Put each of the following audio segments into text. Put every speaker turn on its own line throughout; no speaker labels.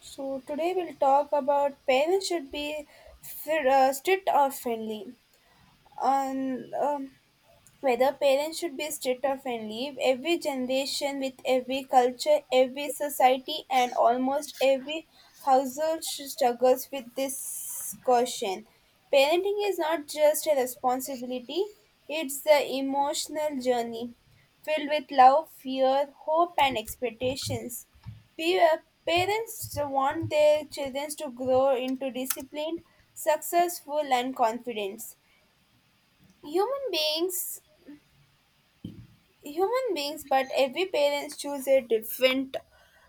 So today we'll talk about parents should be fit, strict or friendly. And Whether parents should be strict or friendly, every generation with every culture, every society, and almost every household struggles with this question. Parenting is not just a responsibility, it's the emotional journey filled with love, fear, hope, and expectations. Pa- Parents want their children to grow into disciplined, successful, and confident. Human beings human beings, but every parents choose a different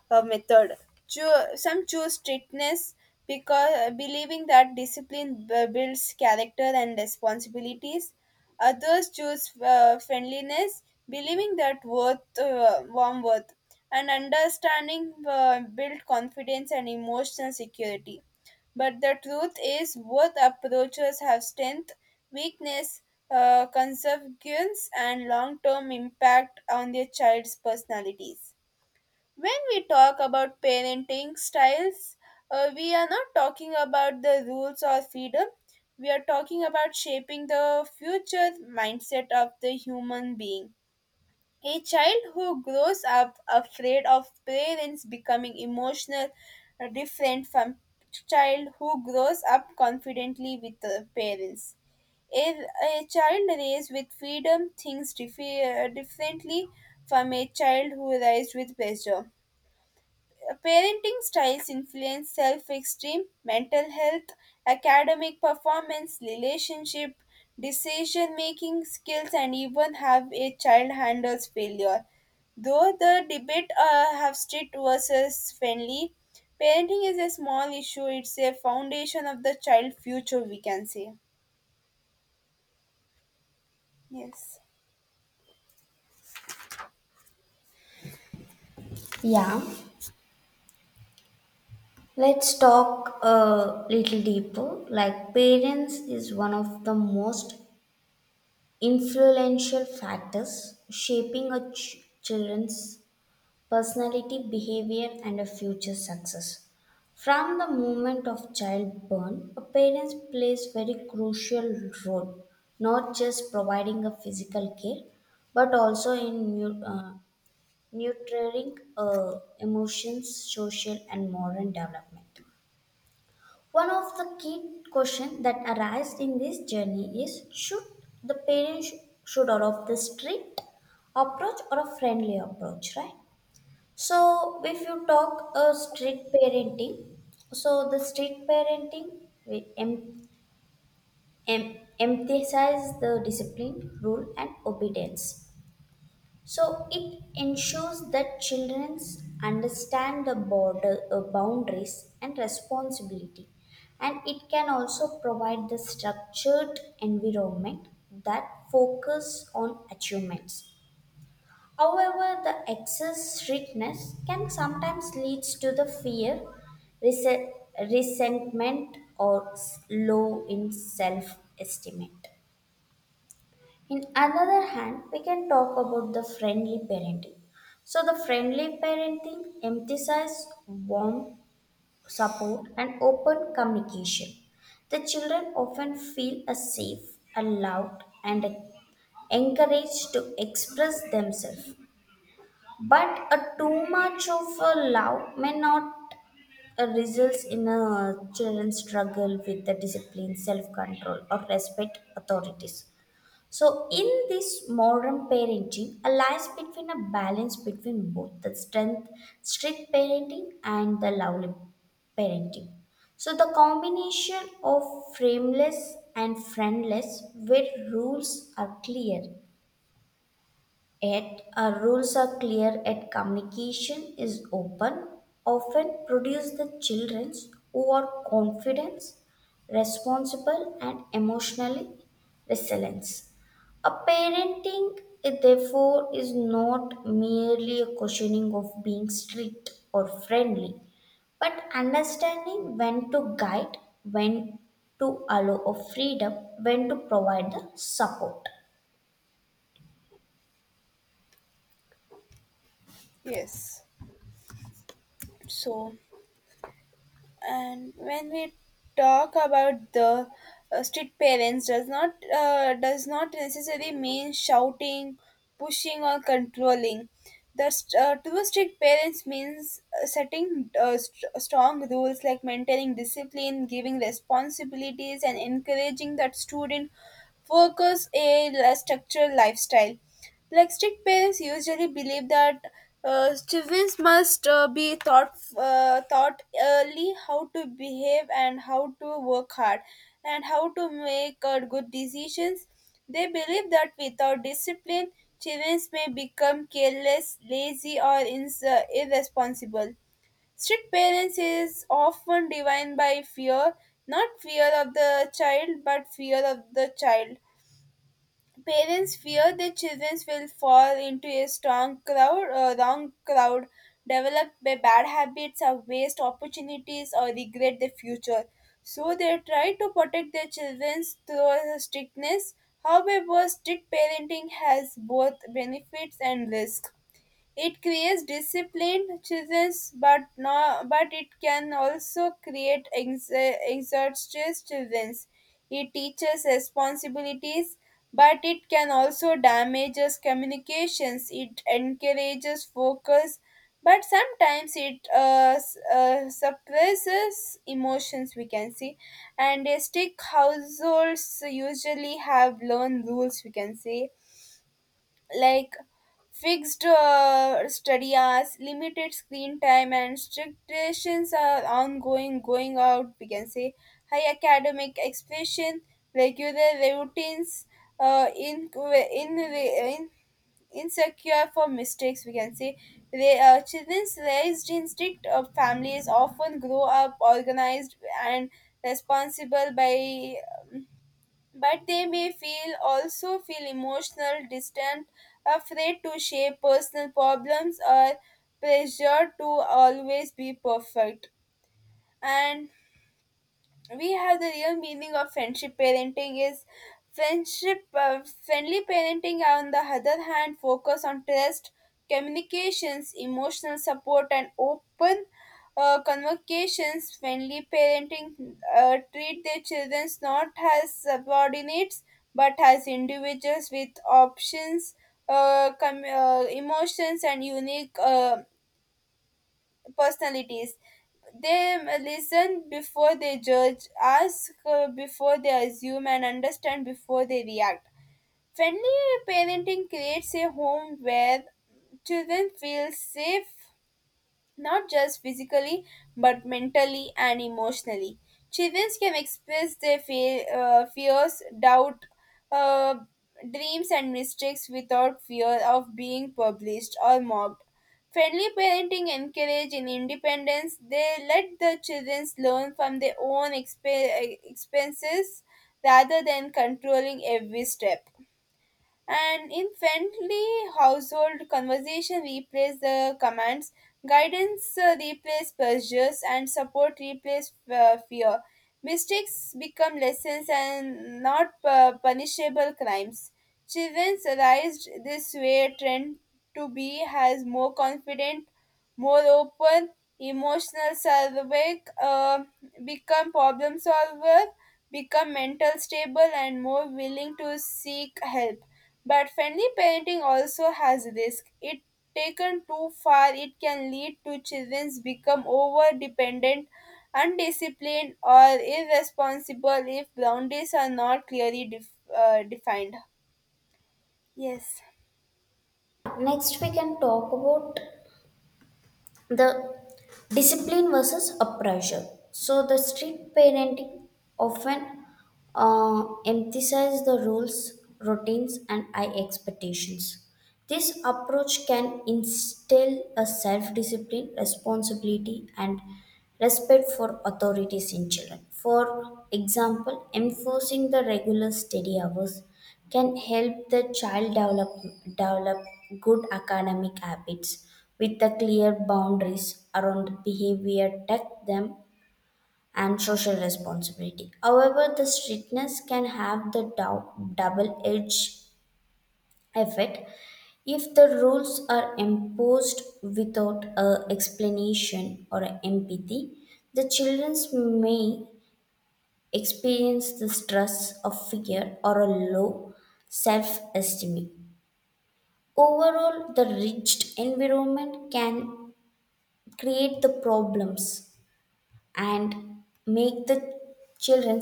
method. Some choose strictness because believing that discipline builds character and responsibilities. Others choose friendliness, believing that worth warm worth and understanding build confidence and emotional security. But the truth is, both approaches have strength, weakness, consequence, and long term impact on their child's personalities. When we talk about parenting styles, we are not talking about the rules or freedom. We are talking about shaping the future mindset of the human being. A child who grows up afraid of parents becoming emotional are different from child who grows up confidently with the parents. A child raised with freedom thinks differently from a child who raised with pressure. Parenting styles influence self esteem, mental health, academic performance, relationship, decision making skills, and even how a child handles failure. Though the debate have strict versus friendly, parenting is a small issue. It's a foundation of the child future, we can say. Yes.
Yeah, let's talk a little deeper. Like, parents is one of the most influential factors shaping a children's personality, behavior, and a future success. From the moment of childbirth, a parent plays very crucial role, not just providing a physical care, but also in nurturing emotions, social, and moral development. One of the key questions that arise in this journey is should the parents should adopt the strict approach or a friendly approach, right? So if you talk a strict parenting, so the strict parenting we emphasize the discipline, rule, and obedience, so it ensures that children understand the border boundaries and responsibility, and it can also provide the structured environment that focus on achievements. However, the excess strictness can sometimes leads to the fear, rese- resentment, or low in self-estimate. In another hand, we can talk about the friendly parenting. So, the friendly parenting emphasizes warm support and open communication. The children often feel a safe, allowed, and encouraged to express themselves. But a too much of a love may not results in a children's struggle with the discipline, self-control, or respect authorities. So, in this modern parenting, a lies between a balance between both the strength, strict parenting, and the lovely parenting. So, the combination of frameless and friendless, where rules are clear, and communication is open, often produce the children who are confident, responsible, and emotionally resilient. A parenting, therefore, is not merely a questioning of being strict or friendly, but understanding when to guide, when to allow of freedom, when to provide the support.
Yes. So, and when we talk about the strict parents does not does not necessarily mean shouting pushing or controlling the true strict parents means setting strong rules like maintaining discipline giving responsibilities and encouraging that student focus a structured lifestyle. Like strict parents, usually believe that students must be taught taught early how to behave and how to work hard and how to make good decisions. They believe that without discipline, children may become careless, lazy, or irresponsible. Strict parents is often defined by fear, not fear of the child, but fear of the child. Parents fear their children will fall into a wrong crowd, develop by bad habits or waste opportunities or regret their future. So they try to protect their children through strictness. However, strict parenting has both benefits and risks. It creates disciplined childrens, but no, but it can also create exhausted childrens. It teaches responsibilities, but it can also damages communications. It encourages focus, but sometimes it suppresses emotions, we can see. And a strict households usually have learned rules, we can see, like fixed study hours, limited screen time, and strict decisions are ongoing going out, we can say. High academic expression, regular routines, in insecure for mistakes, we can say. They children raised in strict families often grow up organized and responsible by but they may feel also feel emotional distant, afraid to share personal problems or pressured to always be perfect. And we have the real meaning of friendship parenting is friendship friendly parenting on the other hand focus on trust communications emotional support and open convocations. Friendly parenting treat their children not as subordinates but as individuals with options, emotions and unique personalities. They listen before they judge, ask before they assume, and understand before they react. Friendly parenting creates a home where children feel safe, not just physically but mentally and emotionally. Children can express their fears, doubt, uh, dreams, and mistakes without fear of being published or mocked. Friendly parenting encourage in independence. They let the children learn from their own experiences rather than controlling every step. And in friendly household conversation replace the commands, guidance replace pressures, and support replace fear. Mistakes become lessons and not punishable crimes. Children realized this way trend to be has more confident, more open, emotional survey, become problem solver, become mental stable and more willing to seek help. But friendly parenting also has risk. If taken too far, it can lead to children become over dependent, undisciplined, or irresponsible if boundaries are not clearly defined. Yes.
Next, we can talk about the discipline versus a pressure. So the strict parenting often emphasize the rules, routines, and high expectations. This approach can instill a self-discipline, responsibility, and respect for authorities in children. For example, enforcing the regular study hours can help the child develop good academic habits with the clear boundaries around behavior, tech them, and social responsibility. However, the strictness can have the double-edged effect. If the rules are imposed without a explanation or a empathy, the children may experience the stress of fear or a low self-esteem. Overall, the rigid environment can create the problems and make the children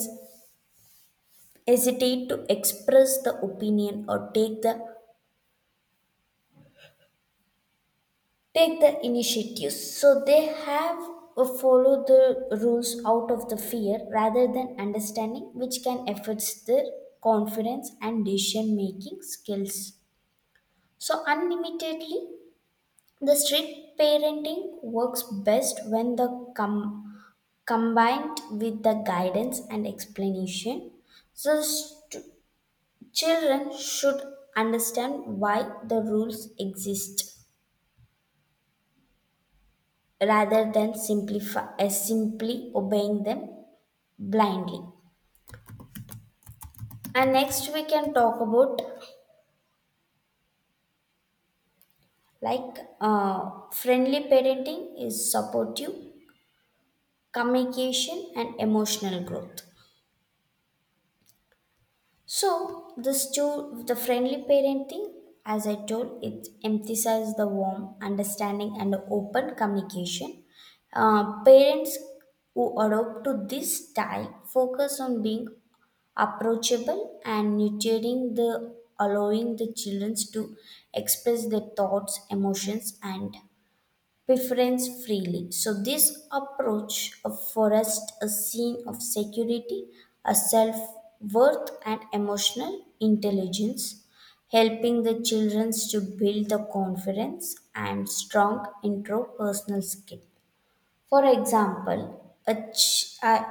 hesitate to express the opinion or take the initiatives. So they have follow the rules out of the fear rather than understanding, which can affect their confidence and decision making skills. So unlimitedly, the strict parenting works best when the com- combined with the guidance and explanation. So, children should understand why the rules exist rather than simply obeying them blindly. And next, we can talk about like friendly parenting is supportive, communication, and emotional growth. So this too, the friendly parenting, as I told, it emphasizes the warm understanding and open communication. Parents who adopt to this style focus on being approachable and nurturing, the allowing the children to express their thoughts, emotions, and preference freely. So, this approach forests a scene of security, a self worth, and emotional intelligence, helping the children to build the confidence and strong interpersonal skill. For example, a ch- at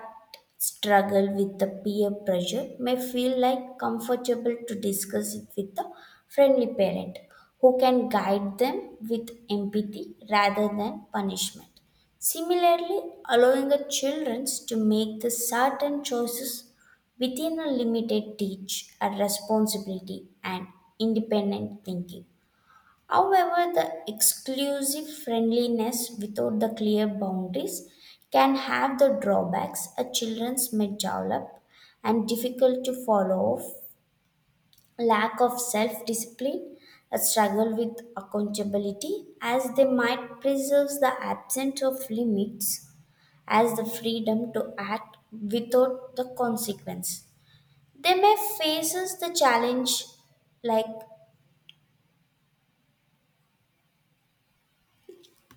struggle with the peer pressure may feel like comfortable to discuss it with a friendly parent who can guide them with empathy rather than punishment. Similarly, allowing the children to make the certain choices within a limited teach a responsibility and independent thinking. However, the exclusive friendliness without the clear boundaries can have the drawbacks. A children may develop and difficult to follow, lack of self-discipline, a struggle with accountability, as they might preserve the absence of limits as the freedom to act without the consequence. They may face the challenge like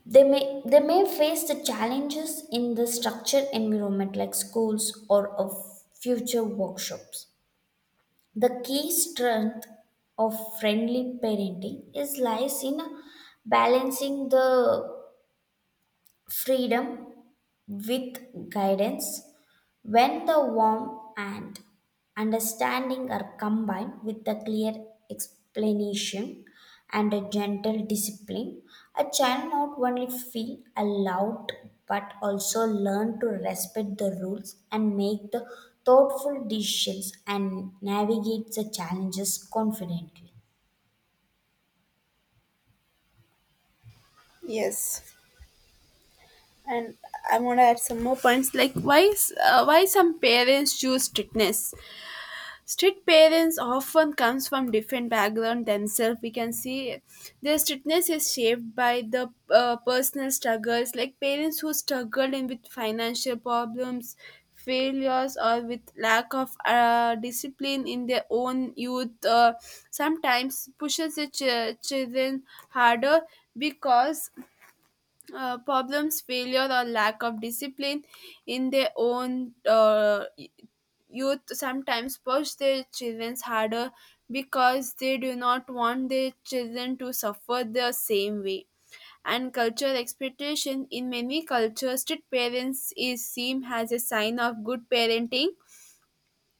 They may face the challenges in the structured environment like schools or of future workshops. The key strength of friendly parenting is lies in balancing the freedom with guidance. When the warmth and understanding are combined with a clear explanation and a gentle discipline, a child not only feel allowed but also learn to respect the rules and make the thoughtful decisions and navigate the challenges confidently.
Yes. And I want to add some more points like why some parents choose strictness. Strict parents often comes from different background themselves, we can see. Their strictness is shaped by the personal struggles, like parents who struggled in with financial problems, failures, or with lack of discipline in their own youth. Sometimes pushes the children harder because problems, failure, or lack of discipline in their own youth sometimes push their children harder because they do not want their children to suffer the same way. And cultural expectation in many cultures, strict parents is seen as a sign of good parenting.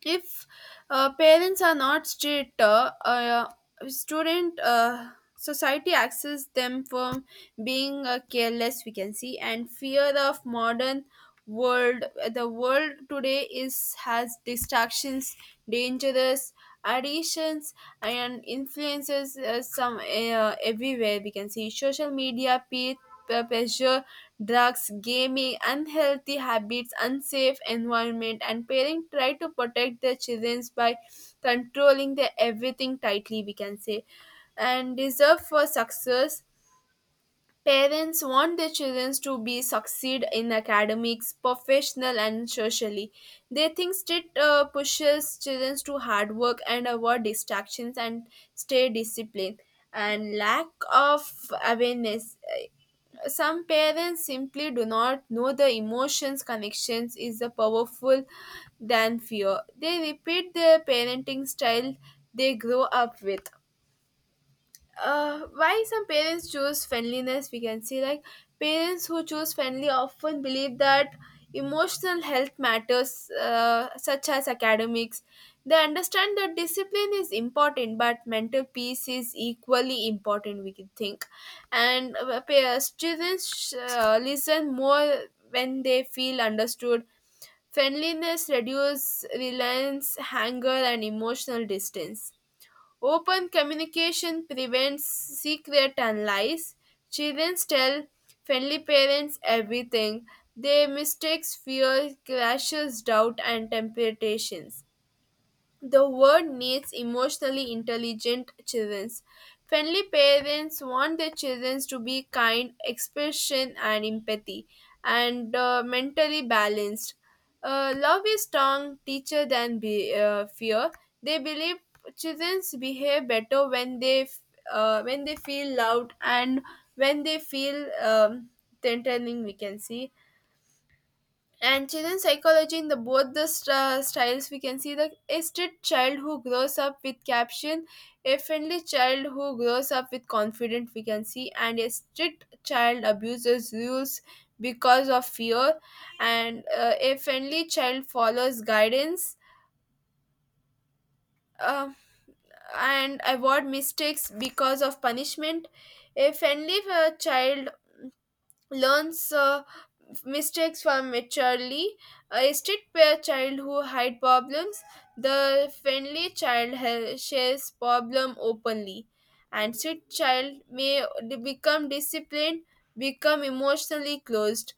If parents are not strict student society access them from being careless, we can see. And fear of modern world, the world today is has distractions, dangerous additions and influences some everywhere, we can see. Social media peer pressure drugs gaming unhealthy habits unsafe environment and parents try to protect their children by controlling their everything tightly, we can say. And deserve for success. Parents want their children to be succeed in academics, professional, and socially. They think it pushes children to hard work and avoid distractions and stay disciplined. And lack of awareness. Some parents simply do not know the emotions connections is the powerful than fear. They repeat their parenting style they grow up with. Why some parents choose friendliness, we can see, like parents who choose friendly often believe that emotional health matters such as academics. They understand that discipline is important but mental peace is equally important, we can think. And students listen more when they feel understood. Friendliness reduces reliance anger and emotional distance. Open communication prevents secret and lies. Children tell friendly parents everything. Their mistakes, fear, crashes, doubt, and temptations. The world needs emotionally intelligent children. Friendly parents want their children to be kind, expression, and empathy, and mentally balanced. Love is strong teacher than fear. They believe children behave better when when they feel loved and when they feel threatening, we can see. And children's psychology in the both the styles, we can see. The a strict child who grows up with caption, a friendly child who grows up with confidence, we can see. And a strict child abuses rules because of fear, and a friendly child follows guidance uh, and avoid mistakes because of punishment. A friendly child learns mistakes from maturely. A strict pair child who hide problems, the friendly child shares problem openly, and strict child may become disciplined, become emotionally closed.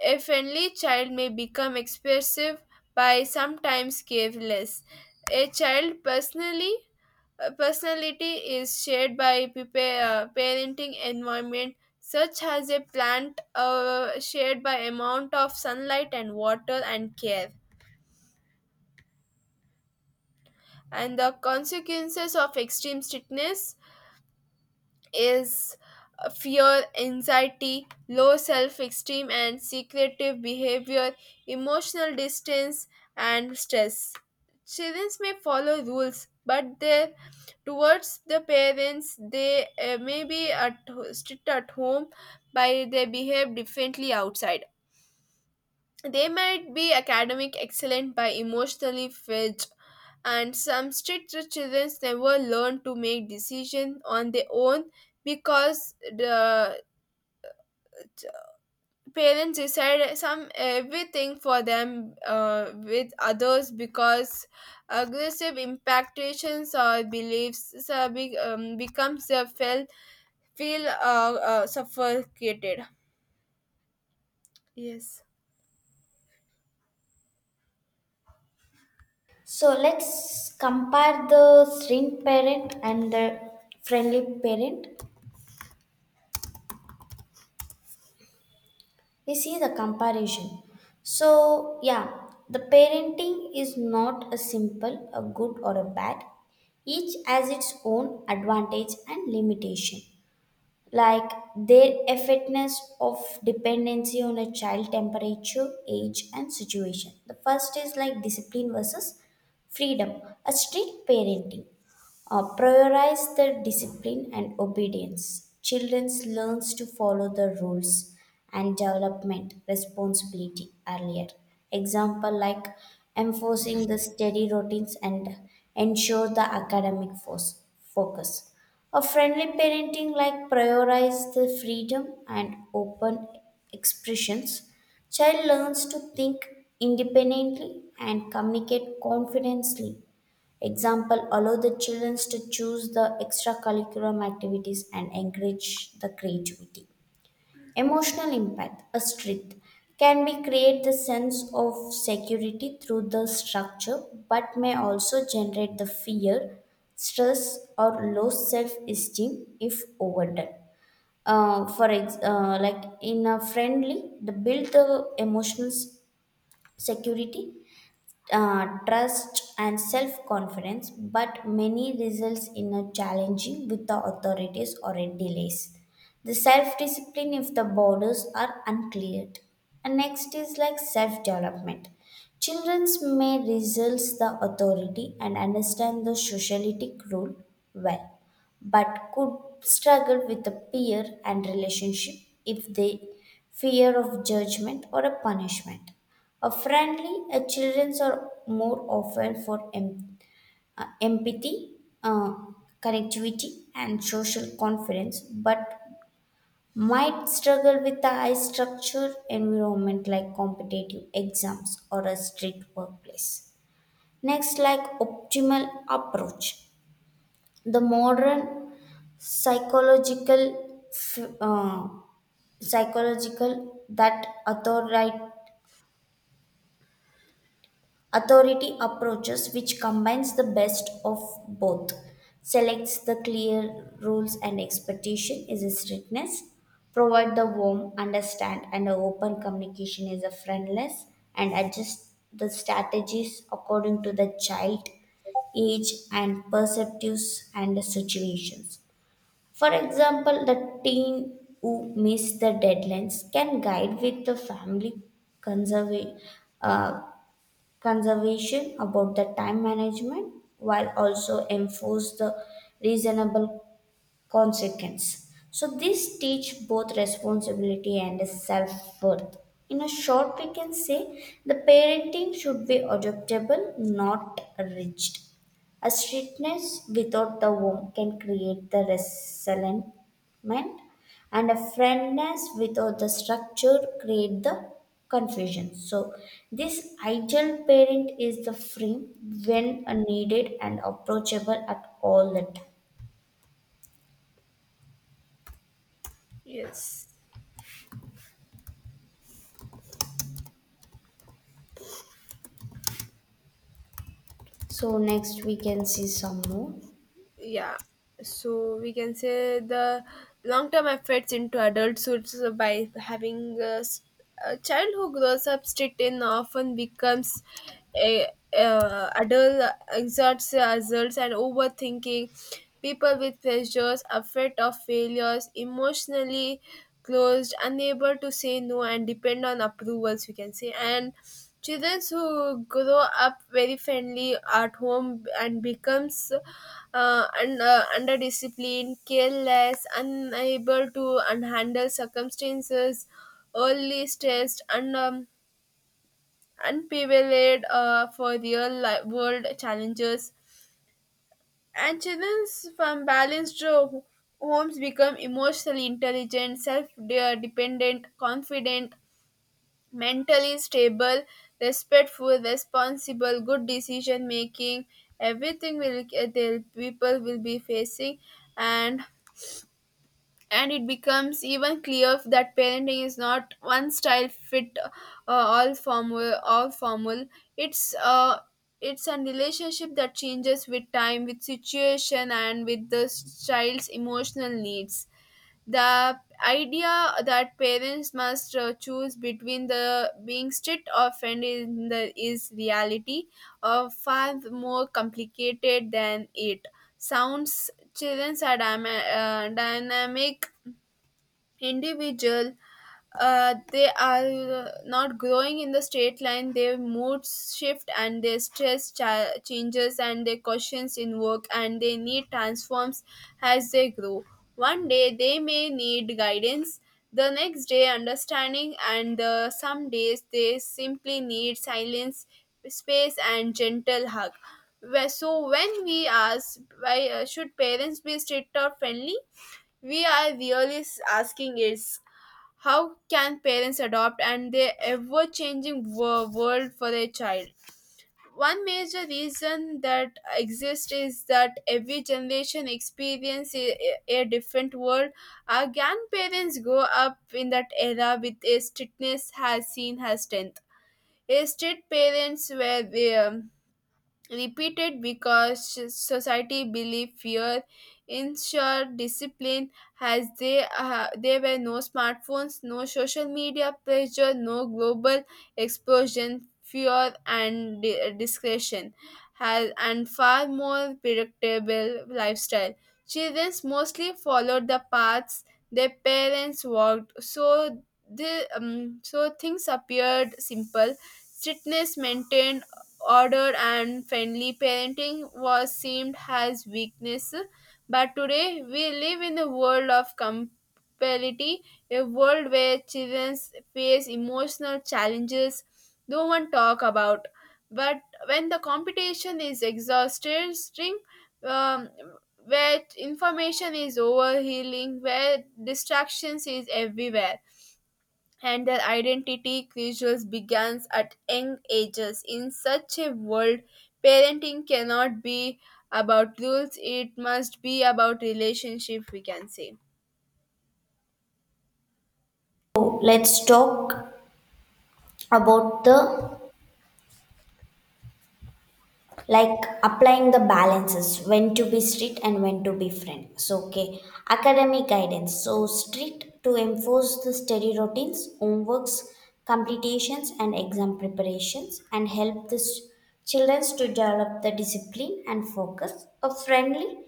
A friendly child may become expressive by sometimes careless. A child personally personality is shared by parenting environment such as a plant shared by amount of sunlight and water and care. And the consequences of extreme strictness is fear anxiety low self-esteem and secretive behavior, emotional distance and stress. Children may follow rules but their towards the parents, they may be at strict at home by they behave differently outside. They might be academic excellent by emotionally fed. And some strict children never learn to make decisions on their own because the parents decide some everything for them with others because aggressive impactations or beliefs becomes a felt feel suffocated. Yes.
So let's compare the strict parent and the friendly parent. We see the comparison. So yeah, the parenting is not a simple a good or a bad. Each has its own advantage and limitation, like their effectiveness of dependency on a child temperature, age, and situation. The first is like discipline versus freedom. A strict parenting prioritize the discipline and obedience. Children learns to follow the rules and development responsibility earlier. Example like enforcing the steady routines and ensure the academic force, focus. A friendly parenting like prioritize the freedom and open expressions. Child learns to think independently and communicate confidently. Example, allow the children to choose the extracurriculum activities and encourage the creativity. Emotional impact, a street can be create the sense of security through the structure, but may also generate the fear, stress, or low self-esteem if overdone. Like in a friendly, the build the emotional s- security, trust, and self confidence, but many results in a challenging with the authorities or in delays. The self discipline if the borders are uncleared. And next is like self development. Children may resist the authority and understand the socialistic rule well, but could struggle with a peer and relationship if they fear of judgment or a punishment. A friendly, a children are more often for empathy, uh, connectivity, and social confidence, but might struggle with a high structure environment like competitive exams or a strict workplace. Next, like optimal approach. The modern psychological f- uh, psychological that authority approaches which combines the best of both, selects the clear rules and expectation is a strictness, provide the warm understand and a open communication is a friendless, and adjust the strategies according to the child age and perceptives and the situations. For example, the teen who miss the deadlines can guide with the family conserva- uh, conservation about the time management, while also enforce the reasonable consequence. So this teach both responsibility and self-worth. In a short, we can say the parenting should be adaptable, not rigid. A strictness without the warmth can create the resentment, and a friendness without the structure create the confusion. So, this ideal parent is the free when needed and approachable at all the time.
Yes.
So next we can see some more.
Yeah, so we can say the long term efforts into adulthood. So by having a child who grows up strict and often becomes a, a adult exerts results and overthinking, people with pressures afraid of failures emotionally closed unable to say no and depend on approvals, we can say. And children who grow up very friendly at home and becomes under discipline, careless, unable to handle circumstances, early stressed, and unprepared for real world challenges. And children from homes become emotionally intelligent, self-dependent, confident, mentally stable, respectful, responsible, good decision making, everything will the people will be facing and and it becomes even clear that parenting is not one style fit all formal, it's uh it's a relationship that changes with time, with situation, and with the child's emotional needs. The idea that parents must choose between the being strict or friendly in the, is reality far more complicated than it sounds. Children are dynamic individual, they are not growing in the straight line. Their moods shift and their changes and their questions in work and their need transforms as they grow. One day they may need guidance, the next day understanding, and some days they simply need silence, space, and gentle hug. So when we ask why should parents be strict or friendly, we are really asking is how can parents adopt and their ever-changing world for their child. One major reason that exists is that every generation experiences a different world. Our grandparents grow up in that era with a strictness has seen as strength. A strict parents were repeated because society believed fear ensured discipline. As they there were no smartphones, no social media pressure, no global explosion fear and discretion has and far more predictable lifestyle. Children mostly followed the paths their parents walked, so the so things appeared simple. Strictness maintained order and friendly parenting was seemed as weakness. But today we live in a world of compatibility, a world where children face emotional challenges no one talk about, but when the competition is exhausted string, um, where information is overhealing, where distractions is everywhere, and their identity crisis begins at young ages. In such a world, parenting cannot be about rules, it must be about relationship, we can say.
So let's talk about the like applying the balances when to be strict and when to be friend. So okay, academic guidance. So strict to enforce the study routines, homeworks, completions, and exam preparations, and help the children to develop the discipline and focus. A friendly,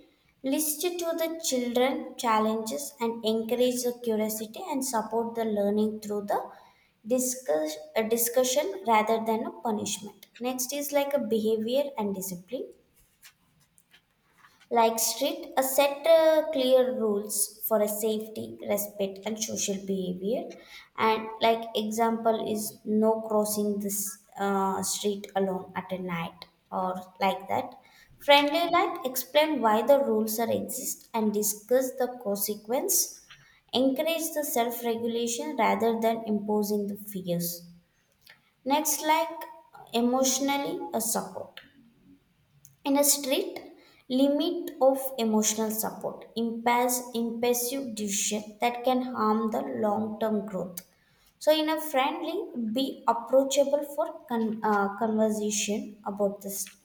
listen to the children challenges and encourage the curiosity and support the learning through the discussion rather than a punishment. Next is like a behavior and discipline, like street a set clear rules for a safety, respect, and social behavior, and like example is no crossing this street alone at a night, or like that. Friendly, like explain why the rules are exist and discuss the consequence, encourage the self regulation rather than imposing the fears. Next, like emotionally a support. In a strict, limit of emotional support impairs impulsive decision that can harm the long-term growth. So, in a friendly, be approachable for conversation about this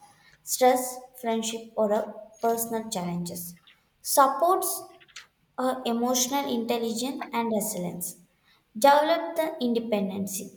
stress, friendship, or personal challenges. Supports emotional intelligence and resilience, develop the independency.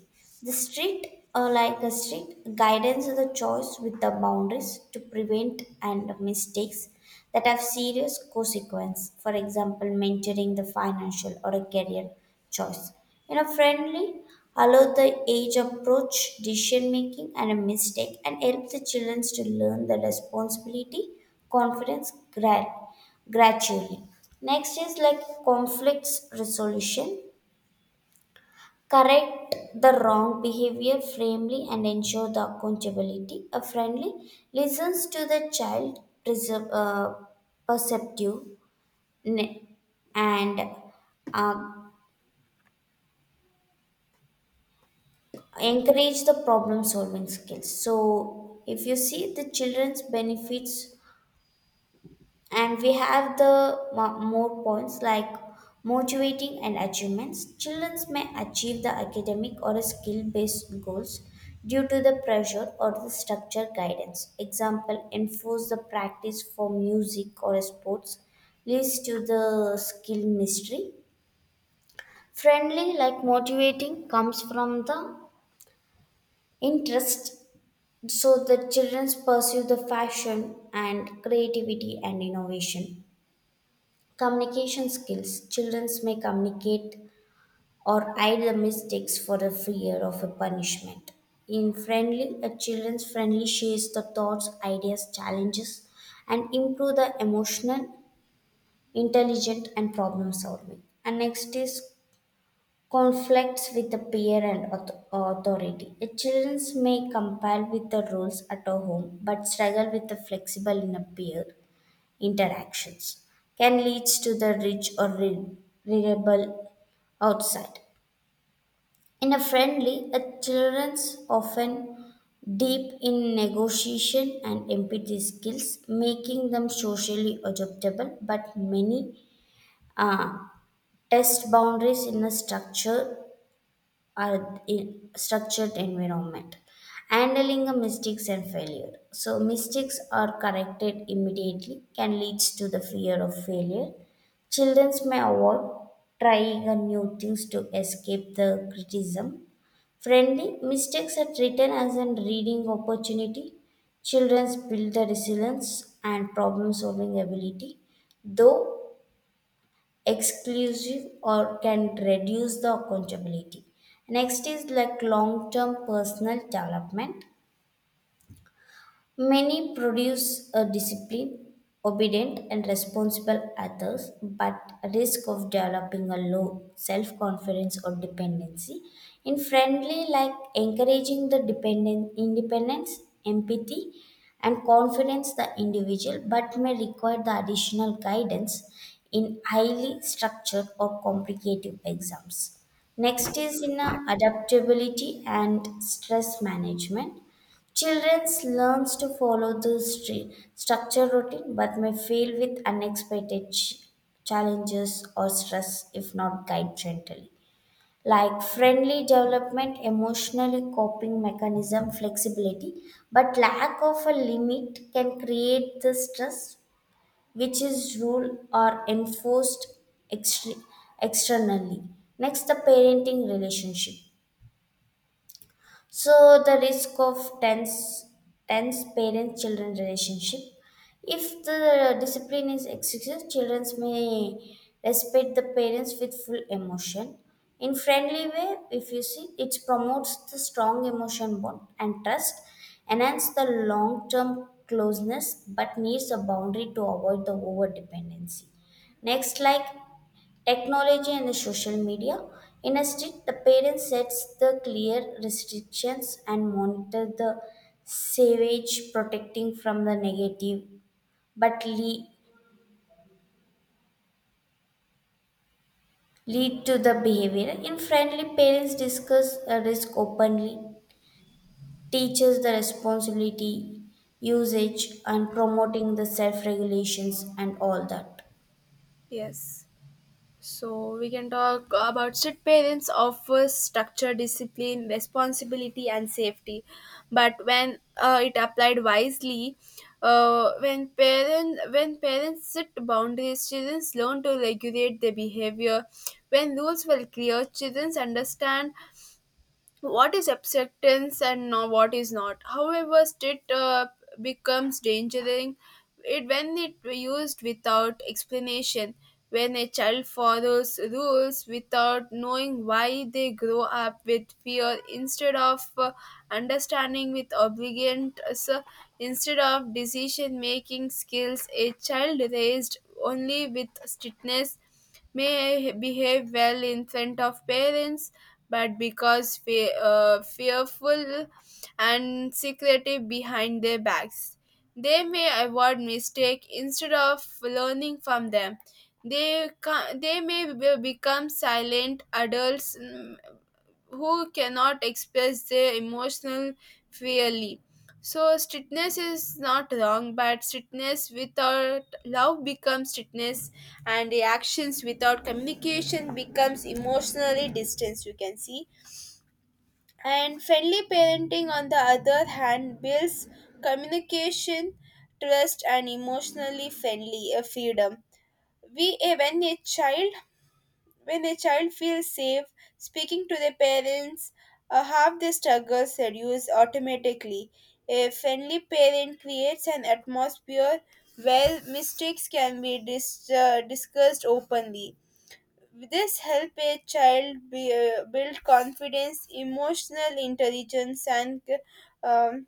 The strict, or like a strict guidance of the choice with the boundaries to prevent and mistakes that have serious consequence. For example, mentoring the financial or a career choice. You know, friendly, allow the age approach, decision making, and a mistake, and help the children to learn the responsibility, confidence gra- gradually. Next is like conflicts resolution, correct the wrong behavior firmly and ensure the accountability. A friendly listens to the child preserve, uh, perceptive ne- and uh, encourage the problem solving skills. So if you see the children's benefits, and we have the more points like motivating and achievements. Children may achieve the academic or skill based goals due to the pressure or the structure guidance. Example, enforce the practice for music or sports leads to the skill mystery. Friendly, like motivating comes from the interest, so the children pursue the fashion and creativity and innovation. Communication skills. Children may communicate or hide the mistakes for the fear of a punishment. In friendly, a children's friendly shares the thoughts, ideas, challenges, and improve the emotional, intelligent, and problem solving. And next is conflicts with the peer and authority. The children may comply with the rules at a home, but struggle with the flexible in a peer interactions, can lead to the rich or rebel outside. In a friendly, a children's often deep in negotiation and empathy skills, making them socially adaptable. But many uh, test boundaries in a structure are in structured environment. Handling a mistakes and failure, so mistakes are corrected immediately can leads to the fear of failure. Children may avoid trying a new things to escape the criticism. Friendly, mistakes are treated as a reading opportunity, children build the resilience and problem solving ability, though exclusive or can reduce the accountability. Next is like long term personal development. Many produce a disciplined, obedient, and responsible others, but risk of developing a low self confidence or dependency. In friendly, like encouraging the dependent independence, empathy, and confidence the individual, but may require the additional guidance in highly structured or complicated exams. Next is in adaptability and stress management. Children learns to follow the structure routine, but may fail with challenges or stress if not guided gently. Like friendly development, emotionally coping mechanism, flexibility, but lack of a limit can create the stress which is rule or enforced extre- externally. Next, the parenting relationship. So the risk of tense parent children relationship. If the discipline is excessive, children may respect the parents with full emotion. In friendly way, if you see, it promotes the strong emotion bond and trust, enhance the long term closeness, but needs a boundary to avoid the over dependency. Next, like technology and the social media. In a state, the parent sets the clear restrictions and monitor the savage, protecting from the negative, but lead to the behavior. In friendly, parents discuss a risk openly, teaches the responsibility, usage, and promoting the self regulations and all that.
Yes. So we can talk about strict parents offer structure, discipline, responsibility, and safety. But when it applied wisely, when parents set boundaries, children learn to regulate their behavior. When rules were clear, children understand what is acceptance and what is not. However, state becomes dangerous it when it used without explanation. When a child follows rules without knowing why, they grow up with fear instead of understanding, with obligation instead of decision making skills. A child raised only with strictness may behave well in front of parents, but because fearful and secretive behind their backs. They may avoid mistake instead of learning from them. They ca- they may be- become silent adults, who cannot express their emotional freely. So strictness is not wrong, but strictness without love becomes strictness, and the actions without communication becomes emotionally distance. You can see, and friendly parenting, on the other hand, builds communication, trust, and emotionally friendly freedom. We, eh, when a child feels safe speaking to their parents, half the struggles reduce automatically. A friendly parent creates an atmosphere where mistakes can be discussed openly. This help a child build confidence, emotional intelligence, and um,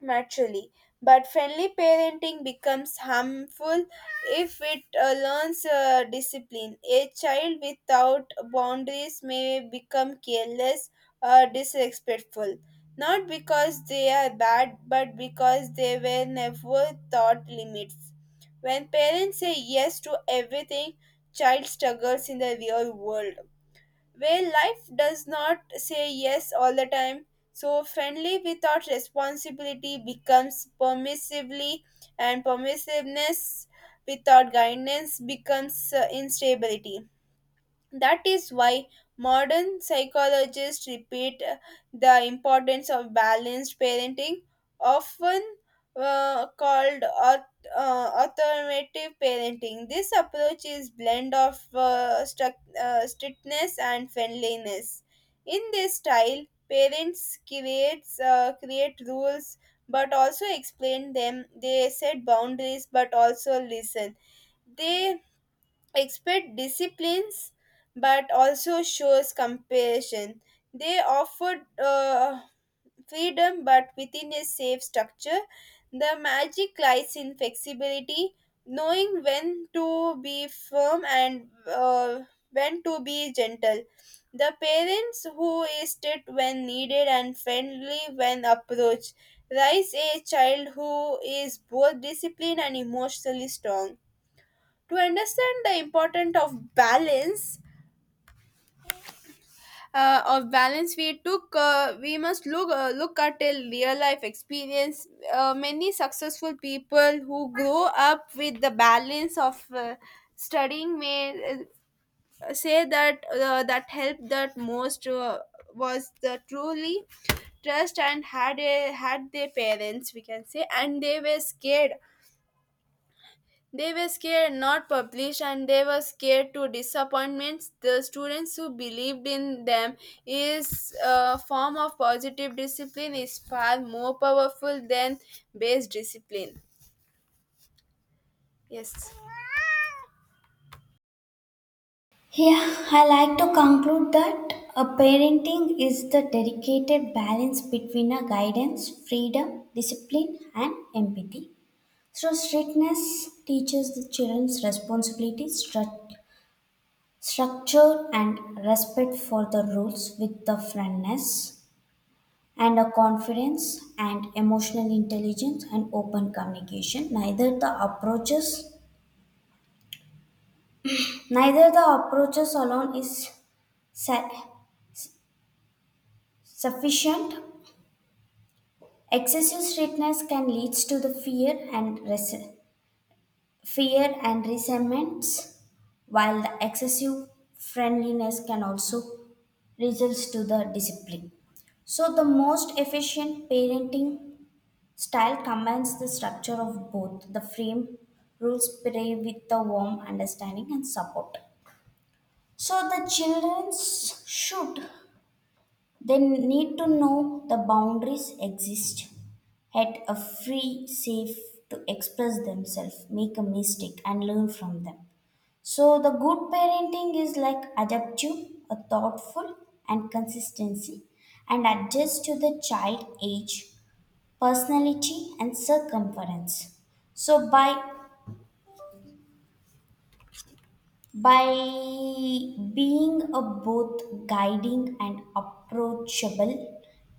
naturally. But friendly parenting becomes harmful if it learns discipline. A child without boundaries may become careless or disrespectful, not because they are bad, but because they were never taught limits. When parents say yes to everything, child struggles in the real world where life does not say yes all the time. So, friendly without responsibility becomes permissively, and permissiveness without guidance becomes instability. That is why modern psychologists repeat the importance of balanced parenting, often called automative parenting. This approach is blend of strictness and friendliness. In this style, parents creates create rules but also explain them. They set boundaries but also listen. They expert disciplines but also shows compassion. They offered freedom but within a safe structure. The magic lies in flexibility, knowing when to be firm and when to be gentle. The parents who is strict when needed and friendly when approached raise a child who is both disciplined and emotionally strong. To understand the importance of balance we must look at a real life experience. Many successful people who grow up with the balance of studying may say that that helped, that most was the truly trust and had their parents, we can say, and they were scared. They were scared not published and they were scared to disappointments. The students who believed in them is a form of positive discipline is far more powerful than base discipline. Yes.
Yeah, I like to conclude that a parenting is the dedicated balance between a guidance, freedom, discipline, and empathy. So, strictness teaches the children's responsibility, structure, and respect for the rules with the friendness and a confidence and emotional intelligence and open communication. Neither the approaches alone is sa- sufficient. Excessive strictness can lead to the fear and resentments, while the excessive friendliness can also result to the discipline. So the most efficient parenting style combines the structure of both the frame rules play with the warm understanding and support. So the children should They need to know the boundaries exist at a free, safe to express themselves, make a mistake, and learn from them. So the good parenting is like adaptive, a thoughtful, and consistency, and adjust to the child age, personality, and circumference. So by being a both guiding and approachable,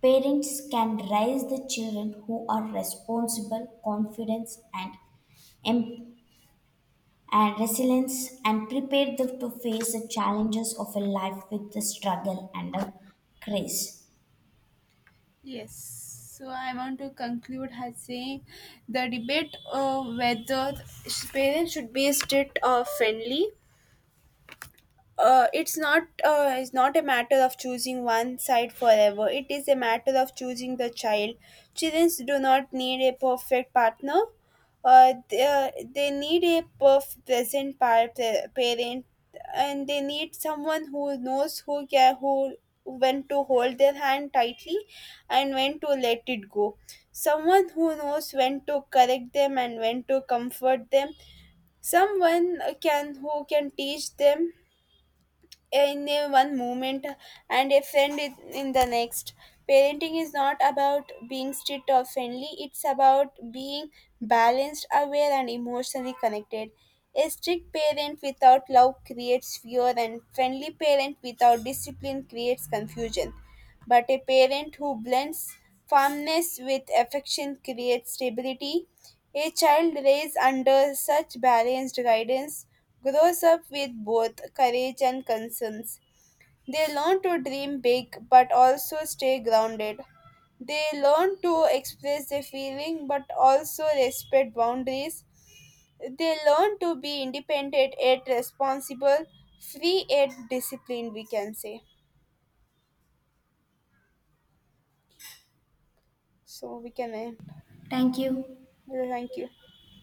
parents can raise the children who are responsible, confident, and em- resilient, and prepare them to face the challenges of a life with the struggle and a grace.
Yes. So I want to conclude her saying the debate of whether parents should be strict or friendly, it's not a matter of choosing one side forever. It is a matter of choosing the child. Children do not need a perfect partner. They need a parent, and they need someone who knows, who care, who when to hold their hand tightly and when to let it go. Someone who knows when to correct them and when to comfort them. Someone can who can teach them in a one moment and a friend in the next. Parenting is not about being strict or friendly, it's about being balanced, aware, and emotionally connected. A strict parent without love creates fear, and friendly parent without discipline creates confusion. But a parent who blends firmness with affection creates stability. A child raised under such balanced guidance grows up with both courage and concerns. They learn to dream big but also stay grounded. They learn to express their feeling but also respect boundaries. They learn to be independent yet responsible, free yet disciplined, we can say. So we can end.
Thank you.
Well, thank you.